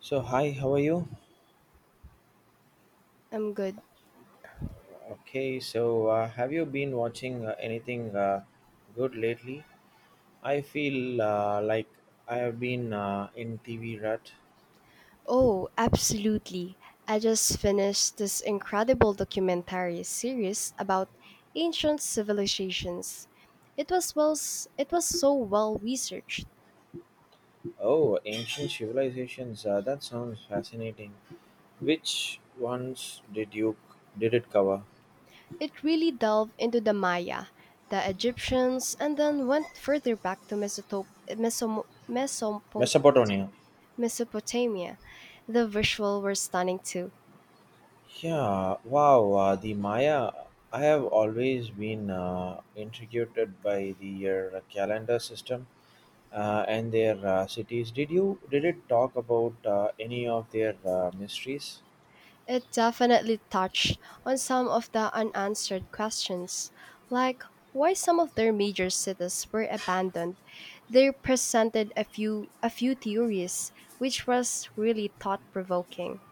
So hi, how are you? I'm good. Okay, so have you been watching anything good lately? I feel like I have been in TV rut. Oh, absolutely. I just finished this incredible documentary series about ancient civilizations. It was so well researched. Oh, ancient civilizations. That sounds fascinating. Which ones did it cover? It really delved into the Maya, the Egyptians, and then went further back to Mesopotamia. Mesopotamia. The visual were stunning too. Yeah. Wow. The Maya. I have always been intrigued by the calendar system, and their cities. Did it talk about any of their mysteries? It definitely touched on some of the unanswered questions, like why some of their major cities were abandoned. They presented a few theories, which was really thought provoking.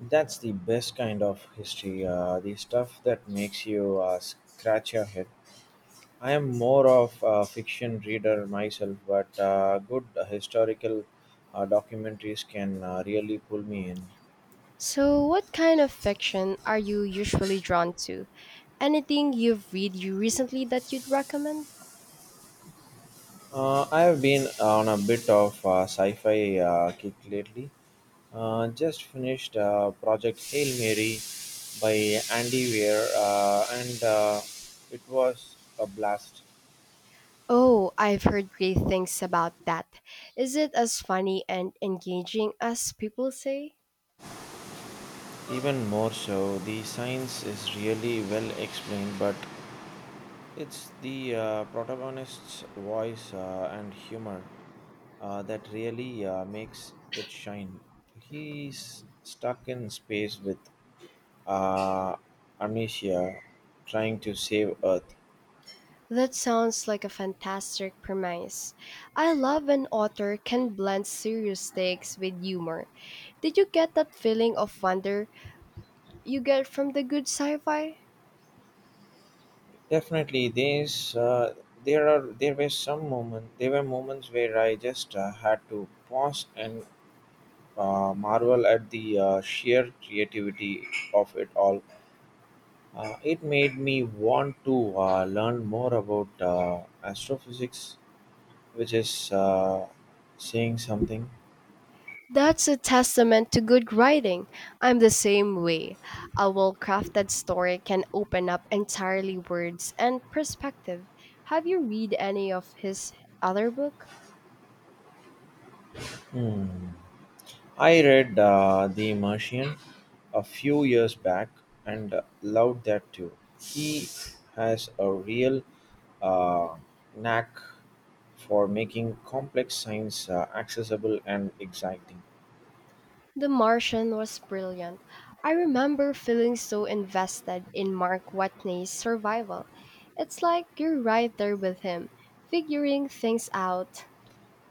That's the best kind of history, the stuff that makes you scratch your head. I am more of a fiction reader myself, but good historical documentaries can really pull me in. So, what kind of fiction are you usually drawn to? Anything you've read you recently that you'd recommend? I have been on a bit of sci-fi kick lately. Just finished Project Hail Mary by Andy Weir, and it was a blast. Oh, I've heard great things about that. Is it as funny and engaging as people say? Even more so, the science is really well explained, but it's the protagonist's voice and humor that really makes it shine. He's stuck in space with uh, amnesia, trying to save Earth. That sounds like a fantastic premise. I love when author can blend serious takes with humor. Did you get that feeling of wonder you get from the good sci-fi? Definitely, there's there are there were some moments there were moments where I just had to pause and marvel at the sheer creativity of it all. It made me want to learn more about astrophysics, which is, saying something. That's a testament to good writing. I'm the same way. A well-crafted story can open up entirely worlds and perspective. Have you read any of his other book? Hmm. I read The Martian a few years back and loved that too. He has a real, uh, knack for making complex science accessible and exciting. The Martian was brilliant. I remember feeling so invested in Mark Watney's survival. It's like you're right there with him, figuring things out.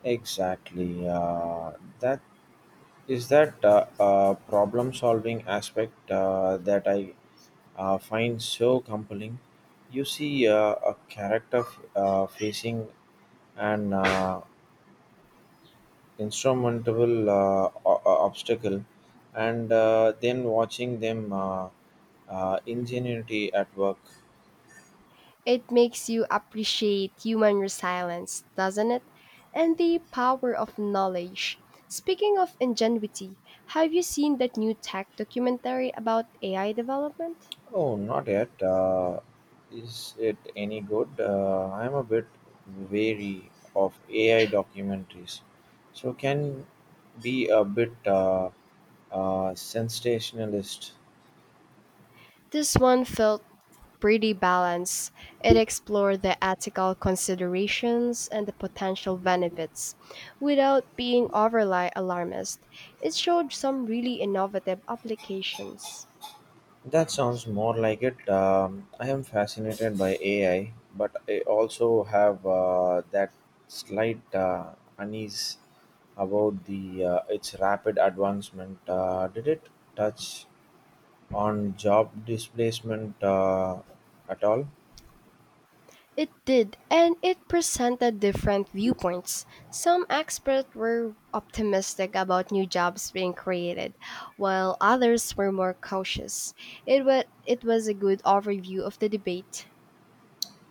Exactly. That that problem-solving aspect that I find so compelling. You see a character facing an insurmountable obstacle and then watching them ingenuity at work. It makes you appreciate human resilience, doesn't it? And the power of knowledge. Speaking of ingenuity, have you seen that new tech documentary about AI development? Oh, not yet. Is it any good? I'm a bit wary of AI documentaries. So can be a bit sensationalist. This one felt pretty balanced. It explored the ethical considerations and the potential benefits without being overly alarmist. It showed some really innovative applications. That sounds more like it. I am fascinated by AI, but I also have that slight unease about the, its rapid advancement. Did it touch on job displacement at all? It did, and it presented different viewpoints. Some experts were optimistic about new jobs being created, while others were more cautious. It was a good overview of the debate.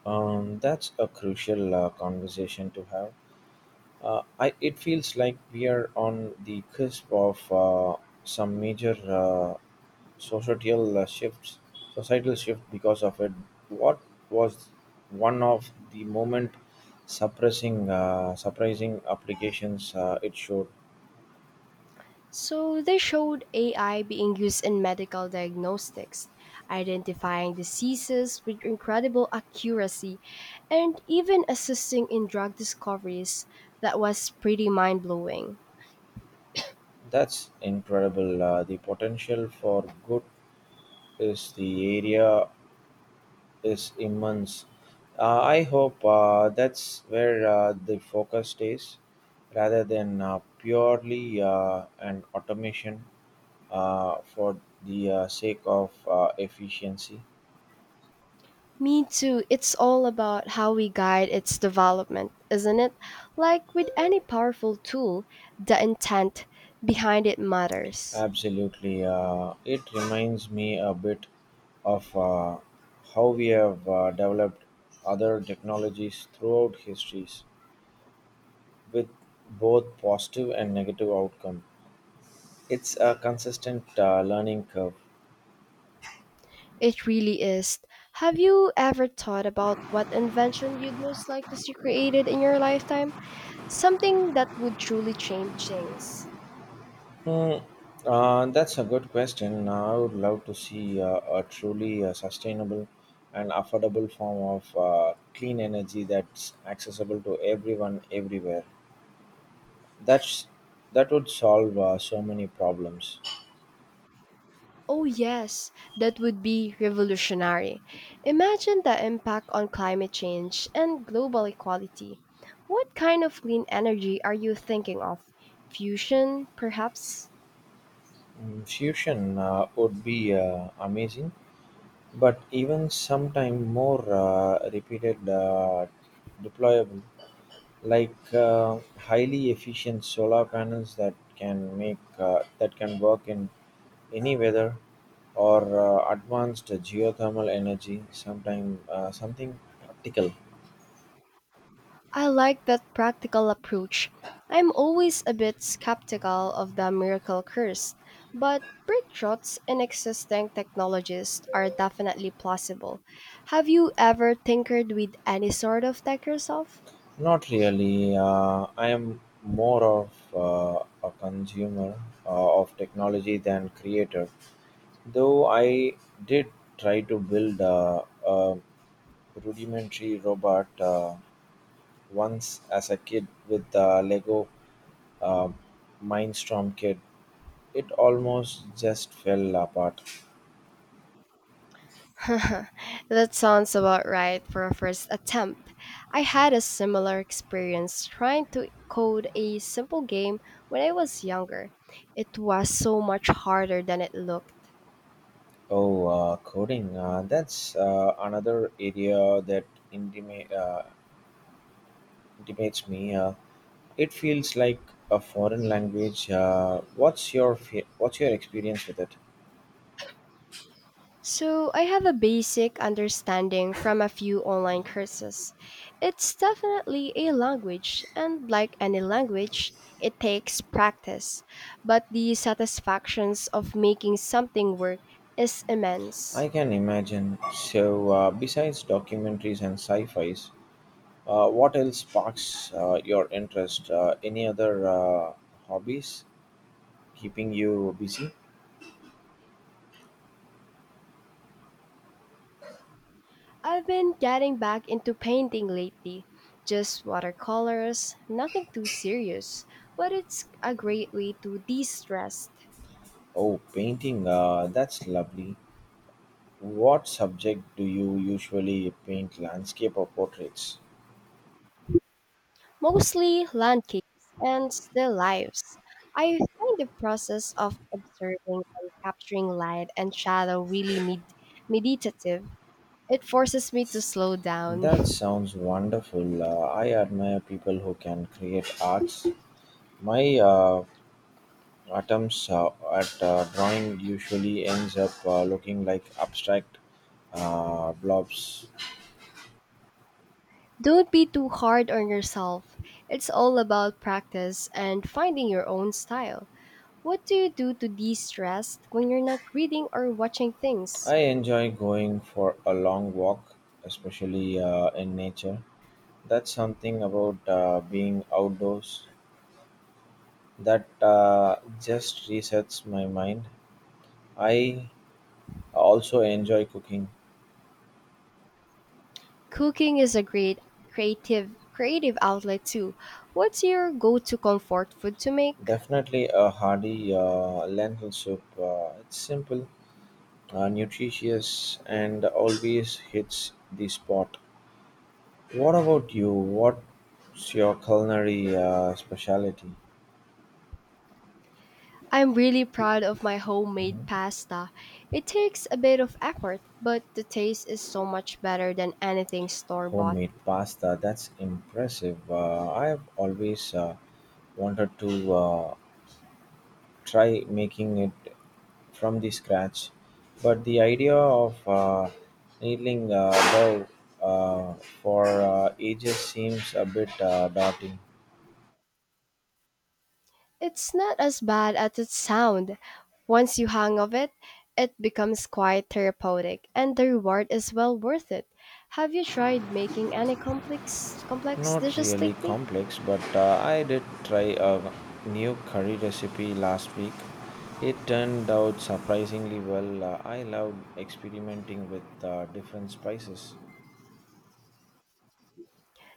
That's a crucial conversation to have. It feels like we are on the cusp of some major societal uh, shifts societal shift because of it. What was one of the moment suppressing surprising applications it showed? So they showed AI being used in medical diagnostics, identifying diseases with incredible accuracy, and even assisting in drug discoveries. That was pretty mind blowing. That's incredible. The potential for good is the area is immense. I hope that's where the focus stays rather than purely an automation for the sake of efficiency. Me too, it's all about how we guide its development, isn't it? Like with any powerful tool, the intent behind it matters. Absolutely. It reminds me a bit of how we have developed other technologies throughout histories with both positive and negative outcome. It's a consistent learning curve. It really is. Have you ever thought about what invention you'd most like to see created in your lifetime? Something that would truly change things. Hmm. That's a good question. I would love to see a truly sustainable and affordable form of clean energy that's accessible to everyone everywhere. That's that would solve so many problems. Oh, yes, that would be revolutionary. Imagine the impact on climate change and global equality. What kind of clean energy are you thinking of? Fusion, perhaps? Mm, Fusion would be amazing, but even sometime more repeated, deployable, like highly efficient solar panels that can work in any weather, or advanced geothermal energy. Sometime, something practical. I like that practical approach. I'm always a bit skeptical of the miracle curse, but breakthroughs in existing technologies are definitely plausible. Have you ever tinkered with any sort of tech yourself? Not really. I am more of a consumer of technology than creator. Though I did try to build a rudimentary robot once as a kid with the Lego uh, Mindstorm kit. It almost just fell apart. That sounds about right for a first attempt. I had a similar experience trying to code a simple game when I was younger. It was so much harder than it looked. Oh, coding. That's another area that intima- uh, intimates me. It feels like a foreign language. What's your experience with it? So, I have a basic understanding from a few online courses. It's definitely a language, and like any language, it takes practice, but the satisfactions of making something work is immense. I can imagine. So, besides documentaries and sci-fi's, what else sparks your interest? Any other hobbies keeping you busy? I've been getting back into painting lately, just watercolors, nothing too serious, but it's a great way to de stress. Oh, painting. That's lovely. What subject do you usually paint? Landscape or portraits? Mostly landscapes and still lives. I find the process of observing and capturing light and shadow really meditative. It forces me to slow down. That sounds wonderful. I admire people who can create arts. My Atoms at drawing usually ends up looking like abstract blobs. Don't be too hard on yourself. It's all about practice and finding your own style. What do you do to de stress when you're not reading or watching things? I enjoy going for a long walk, especially in nature. That's something about being outdoors that just resets my mind. I also enjoy cooking. Cooking is a great creative outlet too. What's your go-to comfort food to make? Definitely a hearty lentil soup. It's simple, nutritious, and always hits the spot. What about you? What's your culinary specialty? I'm really proud of my homemade Mhm. pasta. It takes a bit of effort, but the taste is so much better than anything store bought. Homemade pasta. That's impressive. I have always wanted to try making it from the scratch, but the idea of needling dough uh, for ages seems a bit daunting. It's not as bad as it sounds. Once you hang of it, it becomes quite therapeutic, and the reward is well worth it. Have you tried making any complex Not dishes really lately? complex, but I did try a new curry recipe last week. It turned out surprisingly well. I loved experimenting with different spices.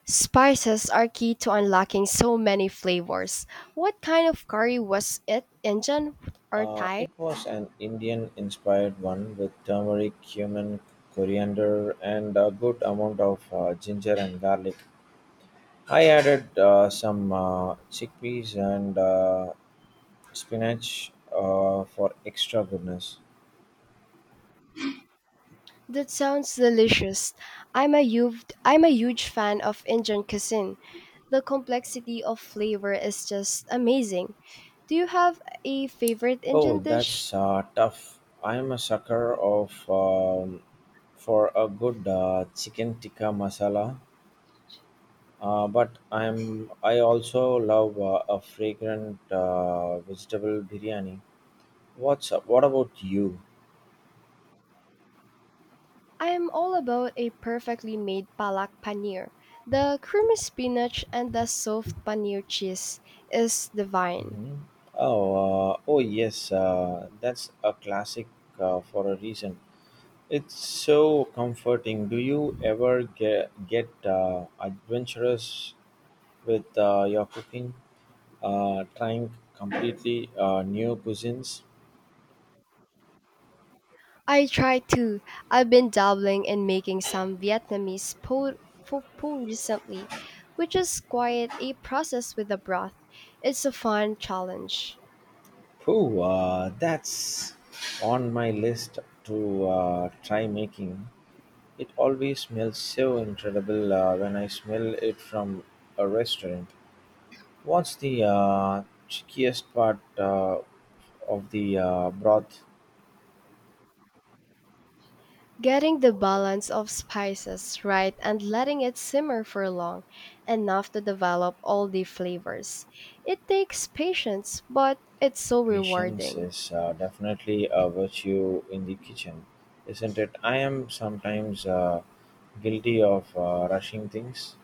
Spices are key to unlocking so many flavors. What kind of curry was it? Indian or Uh, Thai? it was an Indian inspired one with turmeric, cumin, coriander, and a good amount of ginger and garlic. I added some chickpeas and spinach for extra goodness. That sounds delicious. I'm a huge fan of Indian cuisine. The complexity of flavor is just amazing. Do you have a favorite Oh, Indian dish? that's tough. I'm a sucker of for a good chicken tikka masala, but I also love a fragrant vegetable biryani. What's up? What about you? I am all about a perfectly made palak paneer. The creamy spinach and the soft paneer cheese is divine. Mhm. Oh, oh yes, that's a classic for a reason. It's so comforting. Do you ever get adventurous with your cooking, trying completely new cuisines? I try to. I've been dabbling in making some Vietnamese po, pho pho recently, which is quite a process with the broth. It's a fun challenge. Oh, that's on my list to try making. It always smells so incredible when I smell it from a restaurant. What's the trickiest part of the broth? Getting the balance of spices right and letting it simmer for long, enough to develop all the flavors. It takes patience, but it's so Patience rewarding. is definitely a virtue in the kitchen, isn't it? I am sometimes guilty of rushing things.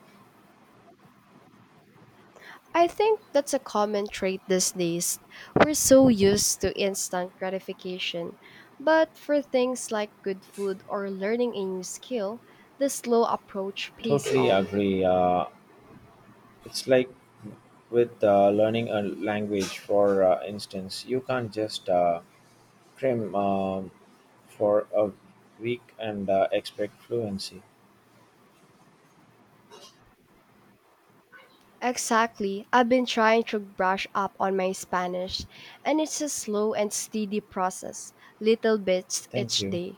I think that's a common trait these days. We're so used to instant gratification. But for things like good food or learning a new skill, the slow approach pays Totally off. agree. It's like with learning a language, for instance, you can't just cram for a week and expect fluency. Exactly. I've been trying to brush up on my Spanish, and it's a slow and steady process, little bits Thank each you. day.